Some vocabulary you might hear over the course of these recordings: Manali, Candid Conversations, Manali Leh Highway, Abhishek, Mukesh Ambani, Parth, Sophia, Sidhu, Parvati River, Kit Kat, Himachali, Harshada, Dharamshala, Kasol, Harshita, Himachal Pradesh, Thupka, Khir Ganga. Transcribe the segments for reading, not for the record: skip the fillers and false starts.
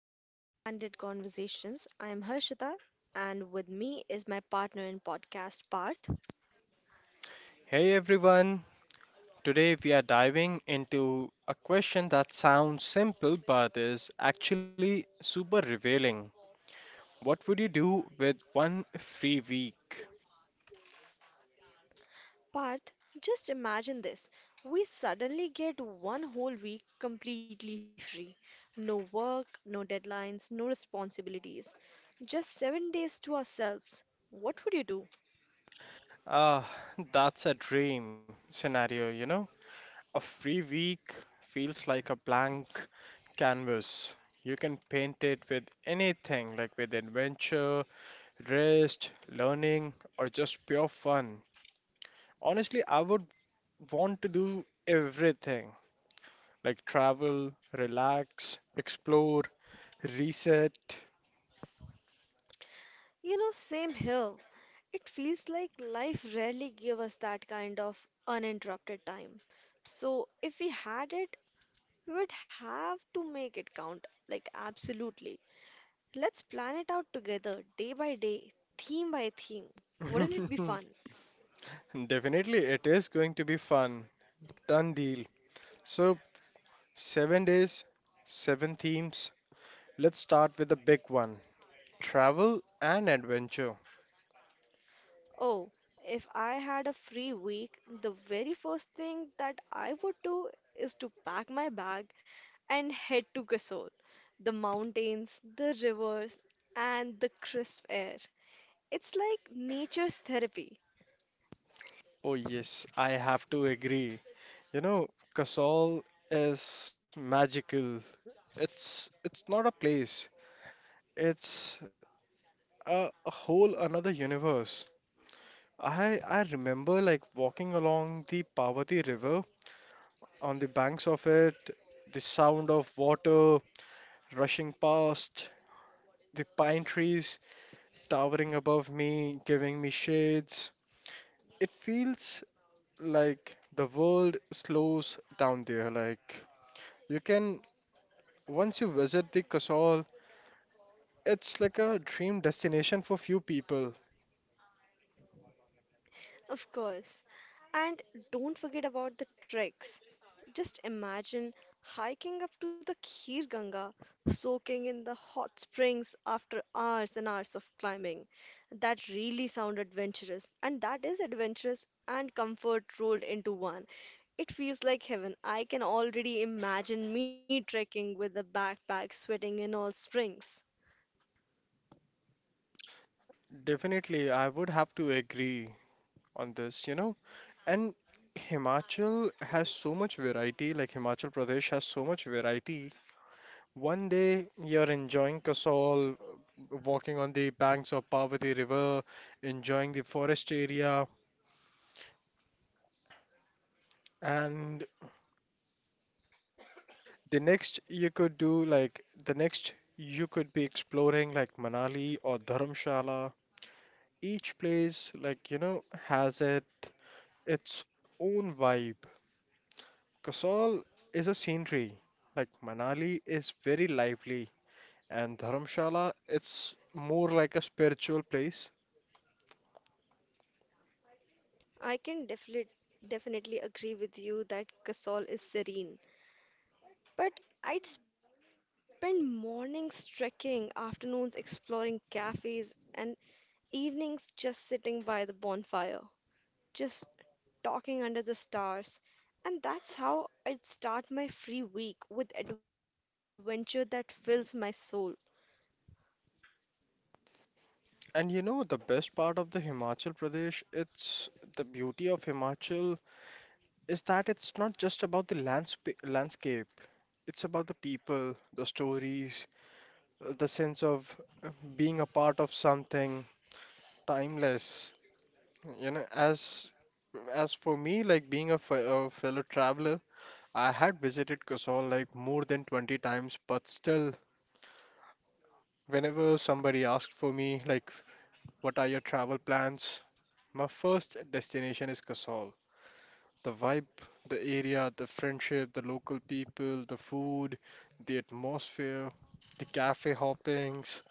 welcome to Candid Conversations. I am Harshita and with me is my partner in podcast Parth. Hey everyone, today we are diving into a question that sounds simple but is actually super revealing. What would you do with one free week? Parth, just imagine this. We suddenly get one whole week completely free. No work, no deadlines, no responsibilities. Just 7 days to ourselves. What would you do? Ah, that's a dream scenario, you know? A free week feels like a blank canvas. You can paint it with anything, like with adventure, rest, learning, or just pure fun. Honestly, I would want to do everything, like travel, relax, explore, reset. You know, same here. It feels like life rarely gave us that kind of uninterrupted time. So, if we had it, we would have to make it count, like, absolutely. Let's plan it out together, day by day, theme by theme. Wouldn't it be fun? Definitely, it is going to be fun. Done deal. So, 7 days, seven themes. Let's start with the big one, travel and adventure. Oh, if I had a free week, the very first thing that I would do is to pack my bag and head to Gasol. The mountains, the rivers, and the crisp air. It's like nature's therapy. Oh, yes, I have to agree. You know, Kasol is magical. It's not a place. It's a whole another universe. I remember like walking along the Parvati River on the banks of it, the sound of water rushing past, the pine trees towering above me, giving me shades. It feels like the world slows down there. Like you can once you visit the Kasol, it's like a dream destination for few people. Of course. And don't forget about the treks. Just imagine hiking up to the Khir Ganga, soaking in the hot springs after hours and hours of climbing. That really sounds adventurous, and that is adventurous and comfort rolled into one. It feels like heaven. I can already imagine me trekking with a backpack, sweating in all springs. Definitely, I would have to agree on this, you know. And Himachal has so much variety, like Himachal Pradesh has so much variety. One day you're enjoying Kasol, walking on the banks of Parvati River, enjoying the forest area, and the next you could do like the next you could be exploring like Manali or Dharamshala. Each place, like you know, has it its own vibe. Kasol is a scenery, like Manali is very lively. And Dharamshala, it's more like a spiritual place. I can definitely agree with you that Kasol is serene. But I'd spend mornings trekking, afternoons exploring cafes, and evenings just sitting by the bonfire, just talking under the stars. And that's how I'd start my free week with adventure that fills my soul. And you know, the best part of the Himachal Pradesh, it's the beauty of Himachal is that it's not just about the landsp landscape. It's about the people, the stories, the sense of uh, being a part of something timeless. You know, as for me, like being a fellow traveler, I had visited Kasol like more than 20 times, but still, whenever somebody asked for me, like What are your travel plans? My first destination is Kasol. The vibe, the area, the friendship, the local people, the food, the atmosphere, the cafe hoppings,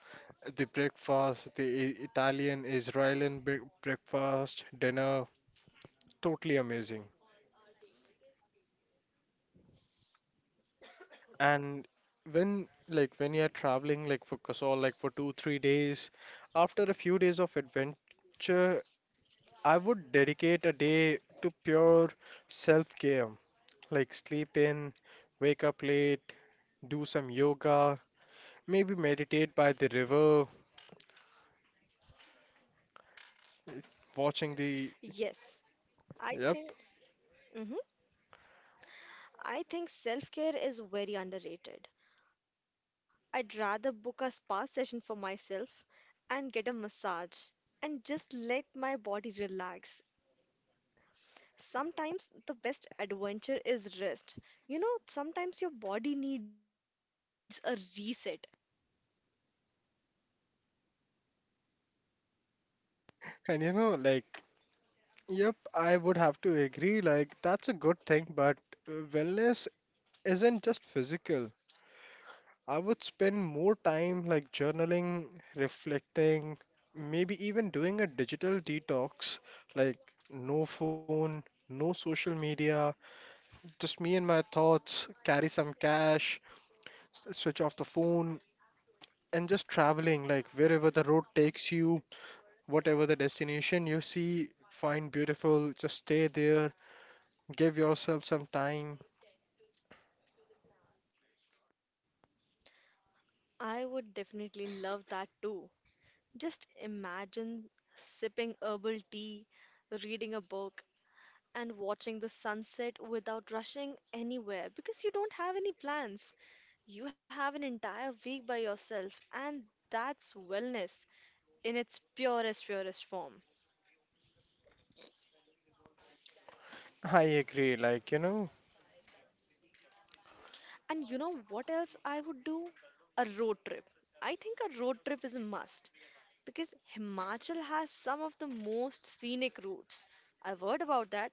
the breakfast, the Italian, Israeli breakfast, dinner, totally amazing. And when when you are traveling like for Kasol like for 2-3 days, after a few days of adventure, I would dedicate a day to pure self-care, like sleep in, wake up late, do some yoga, maybe meditate by the river, watching the. Yes, Yep. I think mhm, I think self-care is very underrated. I'd rather book a spa session for myself and get a massage and just let my body relax. Sometimes the best adventure is rest. You know, sometimes your body needs a reset. And you know, like, yep, I would have to agree, like, that's a good thing, but wellness isn't just physical. I would spend more time like journaling, reflecting, maybe even doing a digital detox, like no phone, no social media, just me and my thoughts, carry some cash, switch off the phone and just traveling like wherever the road takes you, whatever the destination you see find beautiful, just stay there, give yourself some time. I would definitely love that too. Just imagine sipping herbal tea, reading a book, and watching the sunset without rushing anywhere because you don't have any plans. You have an entire week by yourself, and that's wellness in its purest, purest form. I agree like you know. And you know what else I would do? A road trip. I think a road trip is a must because Himachal has some of the most scenic routes. I've heard about that.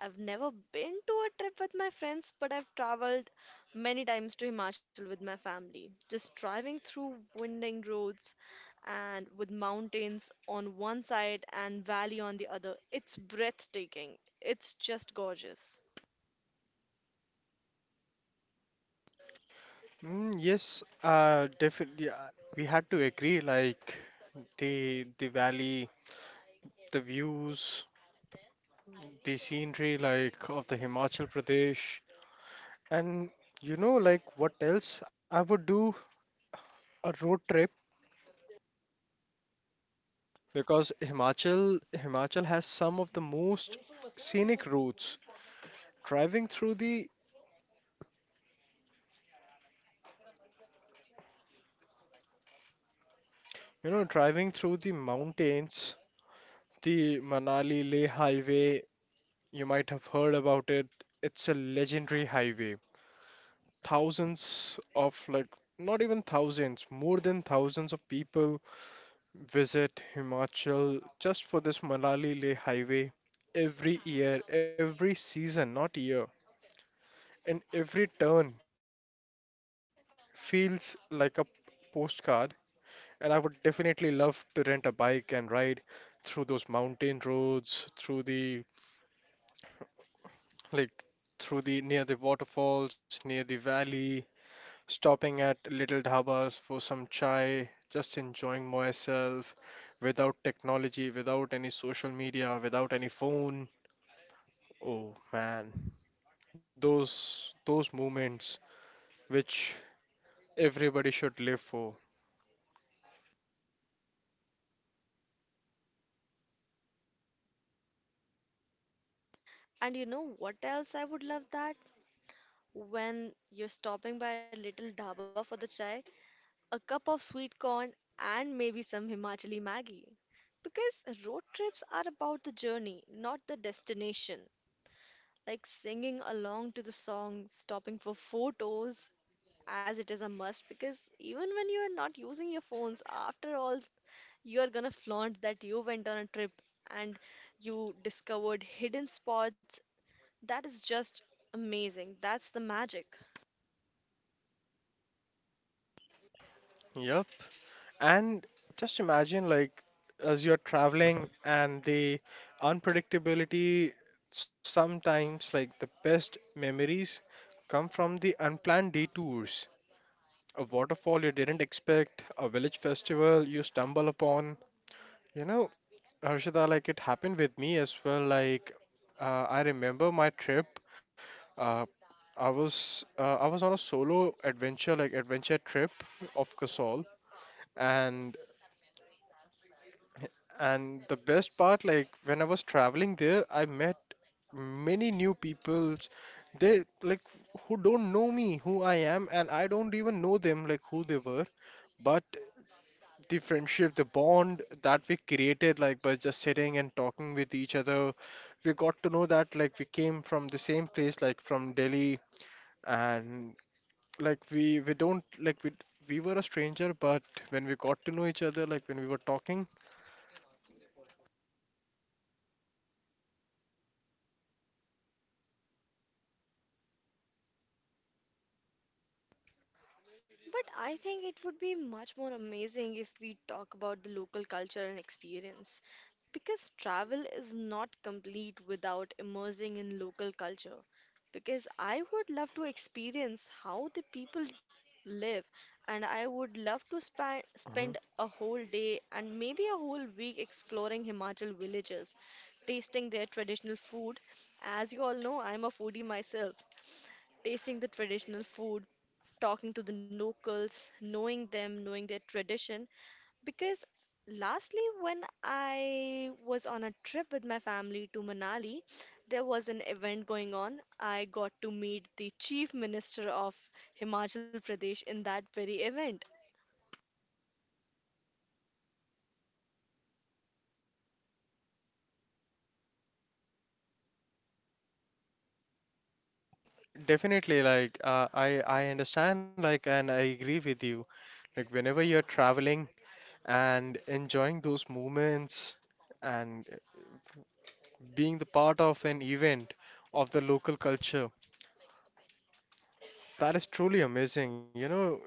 I've never been to a trip with my friends, but I've traveled many times to Himachal with my family. Just driving through winding roads and with mountains on one side and valley on the other. It's breathtaking. It's just gorgeous. Mm, yes definitely, we had to agree, like the the valley, the views, the scenery like of the Himachal Pradesh, and you know, like what else I would do, a road trip, because Himachal has some of the most scenic routes. Driving through the driving through the mountains, the Manali Leh Highway, you might have heard about it. It's a legendary highway. Thousands of like not even thousands, more than thousands of people visit Himachal just for this Manali Leh Highway every year, every season, not year. And every turn feels like a postcard. And I would definitely love to rent a bike and ride through those mountain roads, through the like through the near the waterfalls, near the valley, stopping at little dhabas for some chai, just enjoying myself without technology, without any social media, without any phone. Oh man, those moments which everybody should live for. And you know what else I would love that? When you're stopping by a little dhaba for the chai, a cup of sweet corn, and maybe some Himachali Maggi. Because road trips are about the journey, not the destination. Like singing along to the song, stopping for photos, as it is a must. Because even when you are not using your phones, after all, you are gonna flaunt that you went on a trip and you discovered hidden spots. That is just amazing. That's the magic. Yep. And just imagine, like, as you're traveling and the unpredictability, sometimes, like, the best memories come from the unplanned detours. A waterfall you didn't expect, a village festival you stumble upon. You know, Harshada, like, it happened with me as well. Like, I remember my trip. Uh, I was on a solo adventure, like adventure trip of Kasol, and And the best part, like when I was traveling there, I met many new peoples. They like who don't know me, who I am, and I don't even know them, like who they were. But the friendship, the bond that we created, like by just sitting and talking with each other, we got to know that like we came from the same place, like from Delhi, and like we don't like we were a stranger, but when we got to know each other, like when we were talking. But I think it would be much more amazing if we talk about the local culture and experience. Because travel is not complete without immersing in local culture. Because I would love to experience how the people live, and I would love to span spend a whole day and maybe a whole week exploring Himachal villages, tasting their traditional food. As you all know, I'm a foodie myself, tasting the traditional food, talking to the locals, knowing them, knowing their tradition. Because lastly, when I was on a trip with my family to Manali, there was an event going on. I got to meet the chief minister of Himachal Pradesh in that very event. Definitely, like I understand, like, and I agree with you. Like, whenever you're traveling and enjoying those moments and being the part of an event of the local culture, that is truly amazing. You know,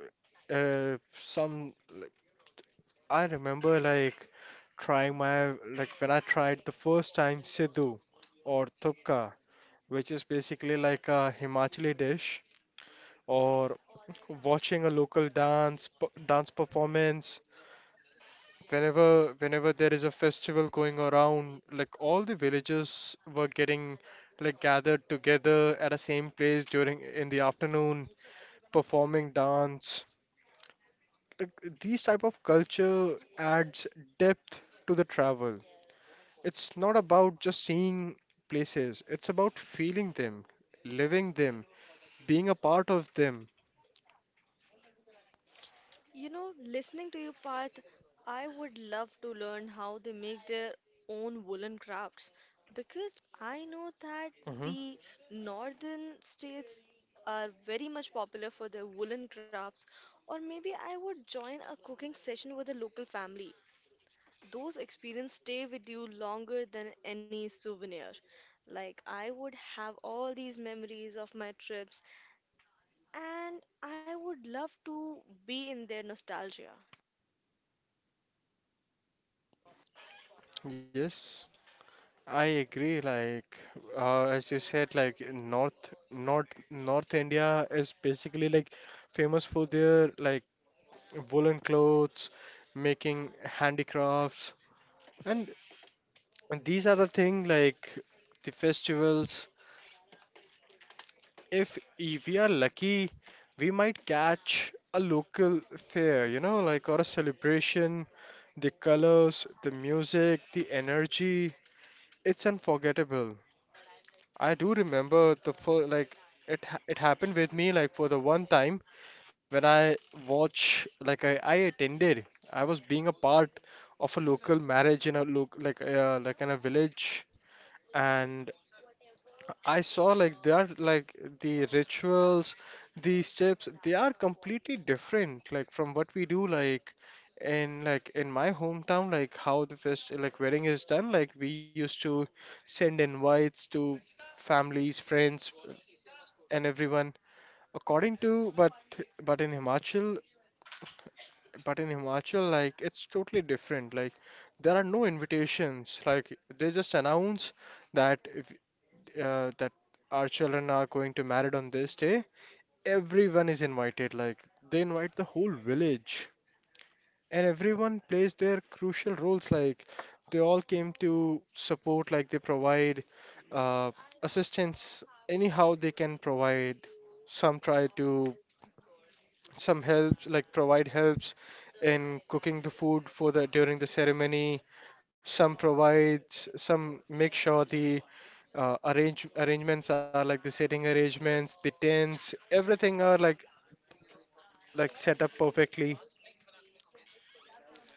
some I remember like trying my like when I tried the first time Sidhu or Thupka, which is basically like a Himachali dish, or watching a local dance dance performance. Whenever there is a festival going around, like all the villages were getting like gathered together at a same place during in the afternoon performing dance, like these type of culture adds depth to the travel. It's not about just seeing places, it's about feeling them, living them, being a part of them. You know, listening to you, Parth, I would love to learn how they make their own woolen crafts because I know that Hmm. the northern states are very much popular for their woolen crafts. Or maybe I would join a cooking session with a local family. Those experiences stay with you longer than any souvenir. Like, I would have all these memories of my trips, and I would love to be in their nostalgia. Yes, I agree. Like as you said, like in North India is basically like famous for their like woolen clothes, making handicrafts, and these are the thing like the festivals. If we are lucky, we might catch a local fair, like or a celebration. The colors, the music, the energy, it's unforgettable. I do remember the first, like it happened with me like for the one time when I watch like I attended I was being a part of a local marriage in a village, and I saw like they are like the rituals, the steps, they are completely different like from what we do like in my hometown, like how the fest like wedding is done, like we used to send invites to families, friends and everyone according to. But but in Himachal but in Himachal, like it's totally different, like there are no invitations, like they just announce that if that our children are going to married on this day, everyone is invited. Like they invite the whole village, and everyone plays their crucial roles. Like they all came to support. Like they provide uh, assistance anyhow they can provide. Some try to, some helps like provide helps in cooking the food for the during the ceremony. Some provides, some make sure the arrangements are, like the setting arrangements, the tents, everything are like set up perfectly.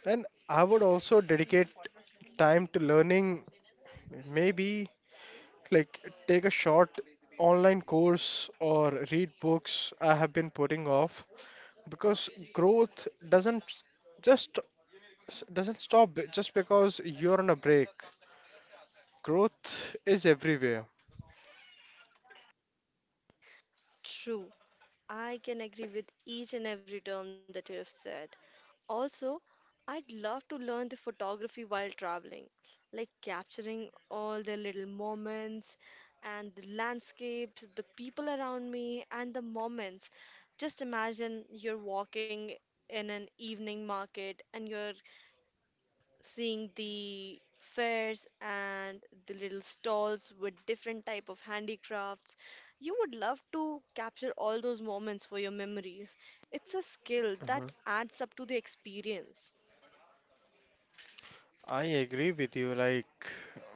And I would also dedicate time to learning, maybe like take a short online course or read books I have been putting off because growth just doesn't stop just because you're on a break. Growth is everywhere. True. I can agree with each and every term that you have said. Also, I'd love to learn the photography while traveling, like capturing all the little moments and the landscapes, the people around me, and the moments. Just imagine you're walking in an evening market and you're seeing the fairs and the little stalls with different type of handicrafts. You would love to capture all those moments for your memories. It's a skill that adds up to the experience. I agree with you. Like,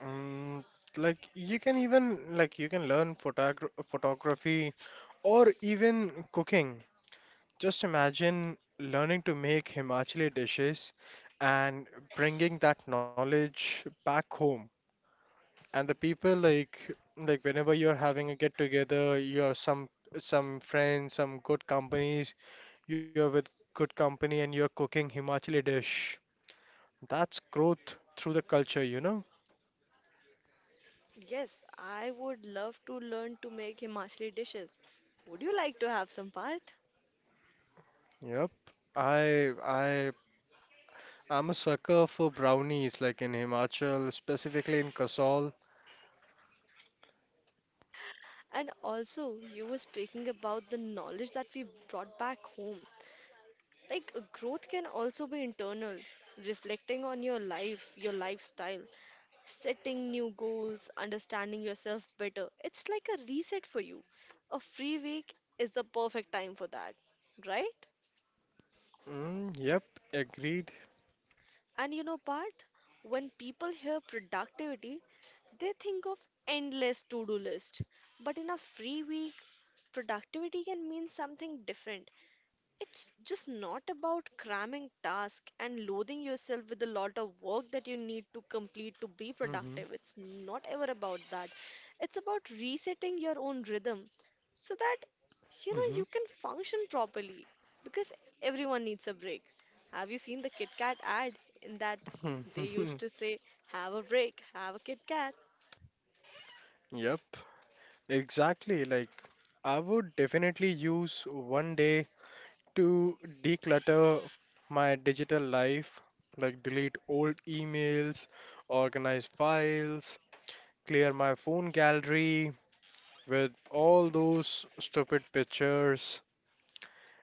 um, you can learn photography or even cooking. Just imagine learning to make Himachali dishes and bringing that knowledge back home. And the people like whenever you're having a get together, you're some friends, some good companies, you're with good company and you're cooking Himachali dish. That's growth through the culture, you know? Yes, I would love to learn to make Himachali dishes. Would you like to have some part? Yep. I I I'm a sucker for brownies like in Himachal, specifically in Kasol. And also you were speaking about the knowledge that we brought back home. Like, growth can also be internal, reflecting on your life, your lifestyle, setting new goals, understanding yourself better. It's like a reset for you. A free week is the perfect time for that, right? Mm, yep, agreed. And you know, Parth, when people hear productivity, they think of endless to-do list. But in a free week, productivity can mean something different. It's just not about cramming tasks and loathing yourself with a lot of work that you need to complete to be Hmm. productive. It's not ever about that. It's about resetting your own rhythm so that you know you can function properly because everyone needs a break. Have you seen the Kit Kat ad in that Hmm. they used to say, have a break, have a Kit Kat? Yep, exactly. Like I would definitely use one day to declutter my digital life, like delete old emails, organize files, clear my phone gallery with all those stupid pictures.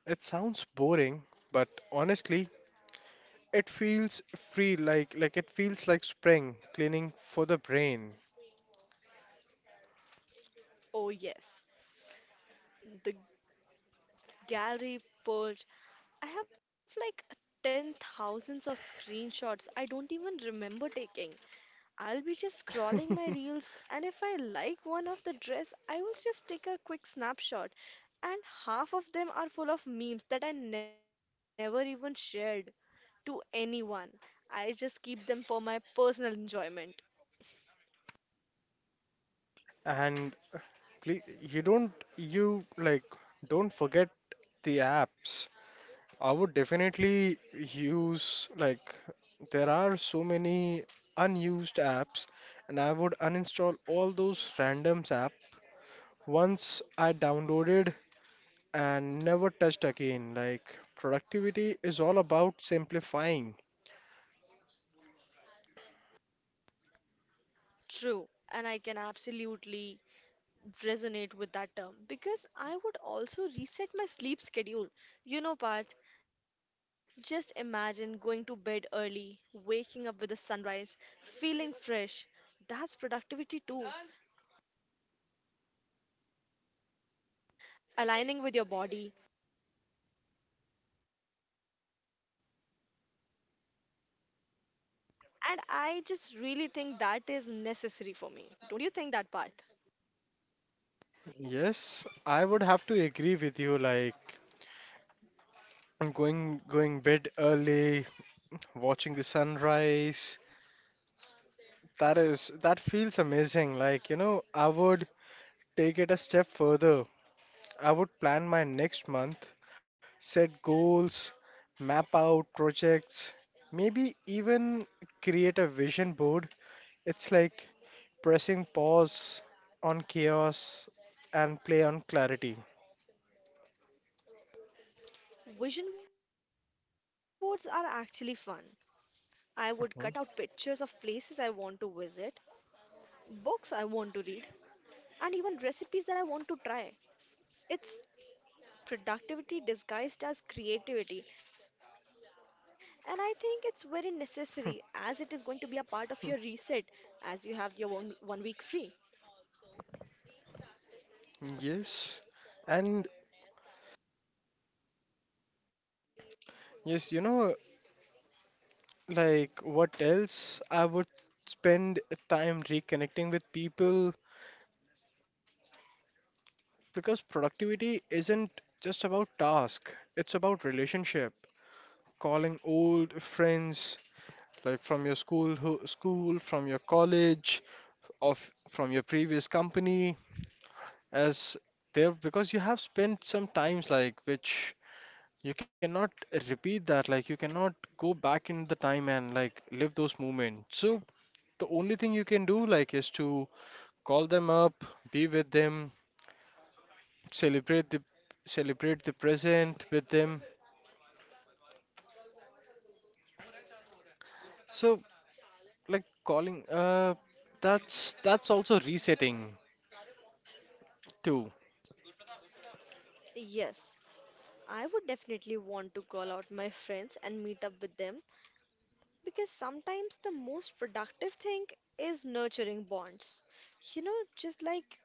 It sounds boring, but honestly, it feels free like it feels like spring cleaning for the brain. Oh, yes, the gallery, per I have like 10 thousands of screenshots I don't even remember taking. I'll be just scrolling my reels, and if I like one of the dress, I will just take a quick snapshot. And half of them are full of memes that I never even shared to anyone. I just keep them for my personal enjoyment. And please, you don't you like don't forget the apps. I would definitely use, like, there are so many unused apps and I would uninstall all those randoms app once I downloaded and never touched again. Like, productivity is all about simplifying. True, and I can absolutely resonate with that term because I would also reset my sleep schedule. You know, Parth, just imagine going to bed early, waking up with the sunrise, feeling fresh. That's productivity too, aligning with your body. And I just really think that is necessary for me. Don't you think that, Parth? Yes, I would have to agree with you. Like, going bed early, watching the sunrise, that feels amazing. Like, you know, I would take it a step further. I would plan my next month, set goals, map out projects, maybe even create a vision board. It's like pressing pause on chaos and play on clarity. Vision boards are actually fun. I would Mhm. cut out pictures of places I want to visit, books I want to read, and even recipes that I want to try. It's productivity disguised as creativity, and I think it's very necessary as it is going to be a part of your reset as you have your one week free. Yes. And yes, you know, like what else? I would spend time reconnecting with people because productivity isn't just about task, it's about relationship. Calling old friends like from your school from your college, of from your previous company as there because you have spent some times which you cannot repeat that, like, you cannot go back in the time and, like, live those moments. So, the only thing you can do, like, is to call them up, be with them, celebrate the celebrate the present with them. So, like, that's also resetting too, Yes, I would definitely want to call out my friends and meet up with them because sometimes the most productive thing is nurturing bonds. You know, just like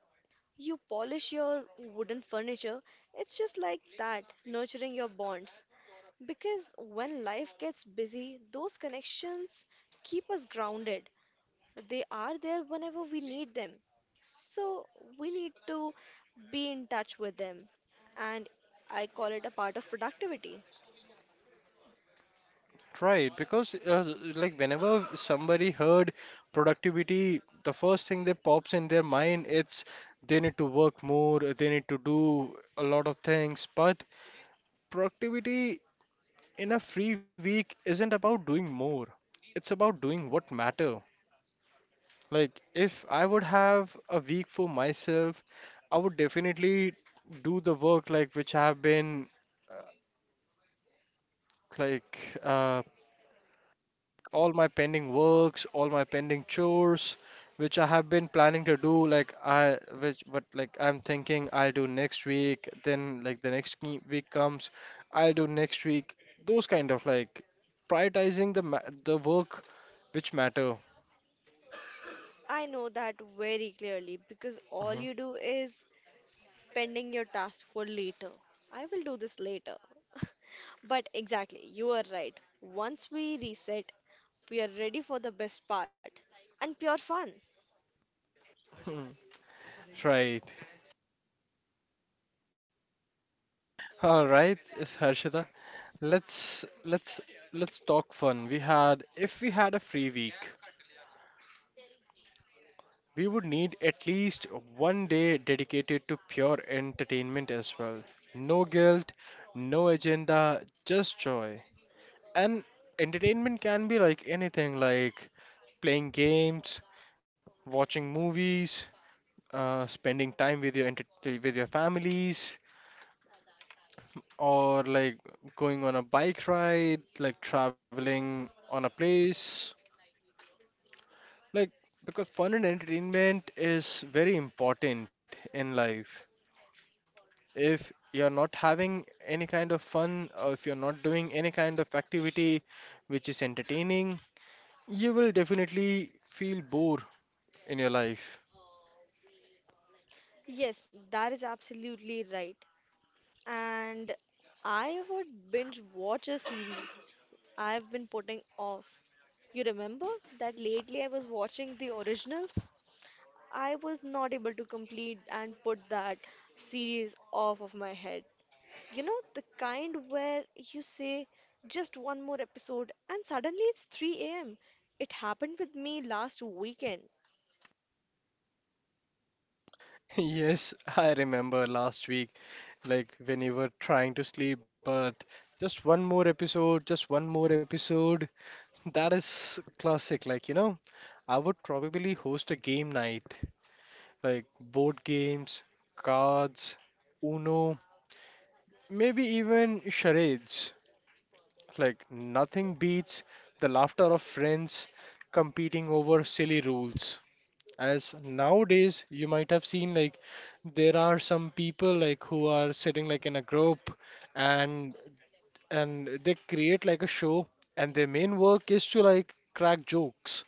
you polish your wooden furniture, it's just like that, nurturing your bonds. Because when life gets busy, those connections keep us grounded. They are there whenever we need them. So we need to be in touch with them. And I call it a part of productivity. right? Because, like, whenever somebody heard productivity, the first thing that pops in their mind, it's they need to work more, they need to do a lot of things, but productivity in a free week isn't about doing more, it's about doing what matter, like if I would have a week for myself, I would definitely do the work like which I have been uh, like uh, all my pending works, all my pending chores, which I have been planning to do, but like I'm thinking I'll do next week, then like week comes, I'll do next week, those kind of like prioritizing the ma the work which matter. I know that very clearly because all Mhm. you do is pending your task for later. I will do this later. But exactly, you are right. Once we reset, we are ready for the best part and pure fun. Hmm. Right. All right, it's Harshita. Let's let's talk fun. We had if we had a free week, we would need at least one day dedicated to pure entertainment as well. No guilt, no agenda, just joy. And entertainment can be like anything, like playing games, watching movies, spending time with your with your families, or like going on a bike ride, like traveling on a place. Like, because fun and entertainment is very important in life. If you're not having any kind of fun or if you're not doing any kind of activity which is entertaining, you will definitely feel bored in your life. Yes, that is absolutely right. And I would binge watch a series I've been putting off. You remember that lately I was watching the originals? I was not able to complete and put that series off of my head. You know, the kind where you say just one more episode and suddenly it's 3 a.m. It happened with me last weekend. Yes, I remember last week, like when you were trying to sleep, but just one more episode, just one more episode. That is classic. Like, you know, I would probably host a game night, like board games, cards, Uno, maybe even charades. Like, nothing beats the laughter of friends competing over silly rules. As nowadays, you might have seen, like, there are some people, like, who are sitting, like, in a group and they create, like, a show, and their main work is to, like, crack jokes.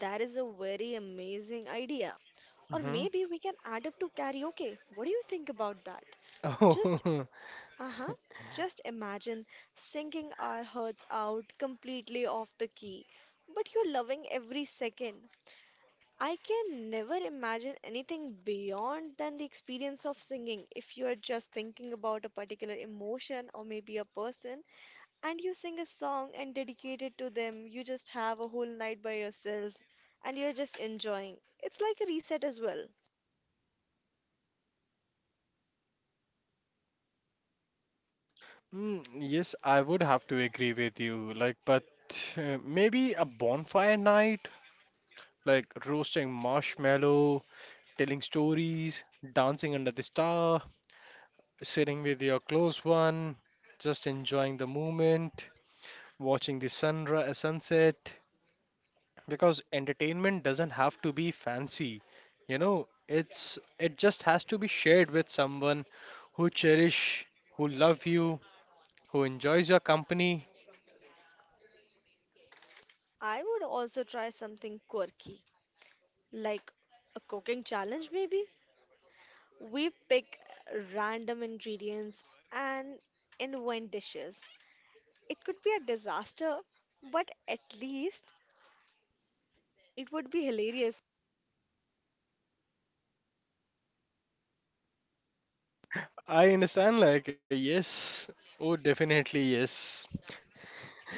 That is a very amazing idea. Or Hmm. maybe we can add up to karaoke. What do you think about that? Just, Oh, uh-huh, just imagine singing our hearts out completely off the key, but you're loving every second. I can never imagine anything beyond than the experience of singing. If you are just thinking about a particular emotion or maybe a person, and you sing a song and dedicate it to them. You just have a whole night by yourself and you're just enjoying. It's like a reset as well. mm, yes, I would have to agree with you. Like, but maybe a bonfire night, like roasting marshmallow, telling stories, dancing under the star, sitting with your close one, just enjoying the moment, watching the sunrise, sunset. Because entertainment doesn't have to be fancy, you know. It just has to be shared with someone who cherish, who love you, who enjoys your company. I would also try something quirky, like a cooking challenge maybe. We pick random ingredients and invent dishes. It could be a disaster, but at least it would be hilarious. I understand, like yes, oh, definitely yes.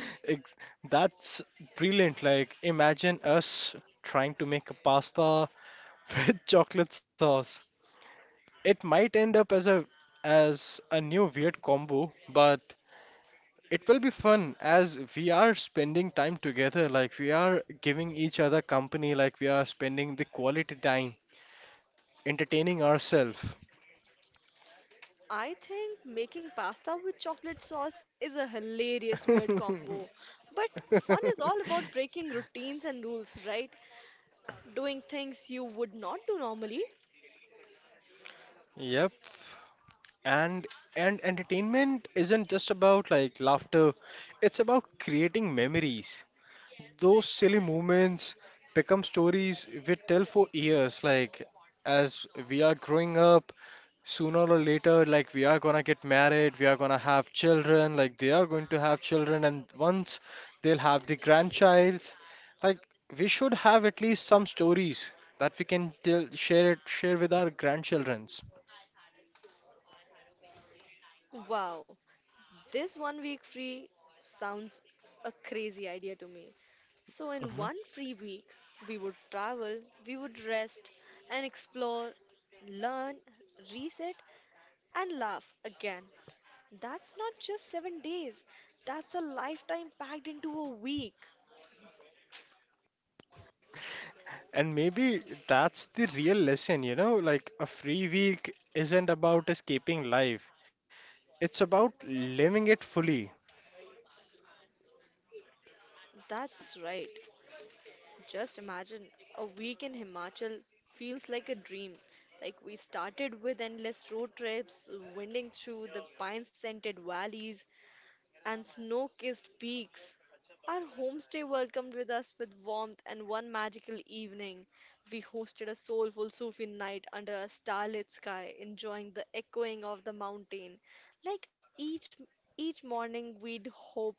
Ex- That's brilliant. Like, imagine us trying to make a pasta with chocolate sauce. It might end up as a new weird combo, but it will be fun as we are spending time together. Like, we are giving each other company. Like, we are spending the quality time entertaining ourselves. I think making pasta with chocolate sauce is a hilarious weird combo. But fun is all about breaking routines and rules, right? Doing things you would not do normally. Yep. And and entertainment isn't just about like laughter, it's about creating memories. Those silly moments become stories we tell for years. Like, as we are growing up, sooner or later, like we are gonna get married, we are gonna have children, like they are going to have children, and once they'll have the grandchilds, like we should have at least some stories that we can tell, share it, share with our grandchildrens. Wow, this one week free sounds a crazy idea to me. So, in one free week, we would travel, we would rest and explore, learn, reset, and laugh again. That's not just 7 days, that's a lifetime packed into a week. And maybe that's the real lesson, you know, like a free week isn't about escaping life. It's about living it fully. That's right. Just imagine a week in Himachal feels like a dream. Like we started with endless road trips, winding through the pine scented valleys and snow kissed peaks. Our homestay welcomed with us with warmth, and one magical evening, we hosted a soulful Sufi night under a starlit sky, enjoying the echoing of the mountain. Like each morning, we'd hope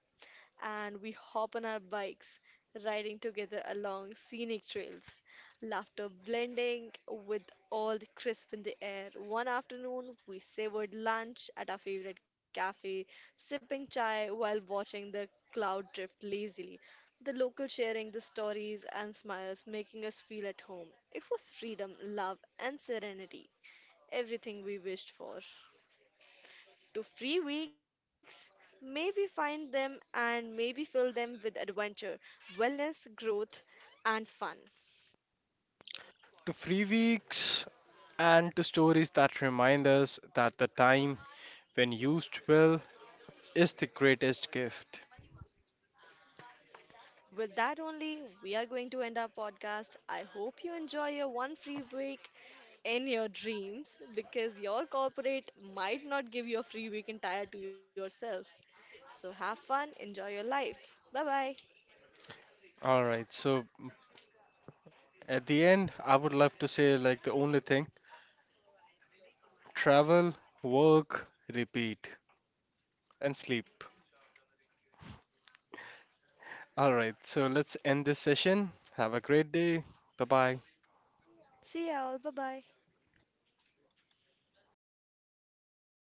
and we hop on our bikes, riding together along scenic trails, laughter blending with all the crisp in the air. One afternoon, we savored lunch at our favorite cafe, sipping chai while watching the cloud drift lazily. The local sharing the stories and smiles, making us feel at home. It was freedom, love, and serenity, everything we wished for to free weeks. Maybe find them and maybe fill them with adventure, wellness, growth, and fun. To free weeks and to stories that remind us that the time, when used well, is the greatest gift. With that only, we are going to end our podcast. I hope you enjoy your one free week in your dreams because your corporate might not give you a free week entire to yourself. So have fun, enjoy your life. Bye bye. All right, so at the end, I would love to say like the only thing, travel, work, repeat, and sleep. All right, so let's end this session. Have a great day. Bye bye. See y'all. Bye bye.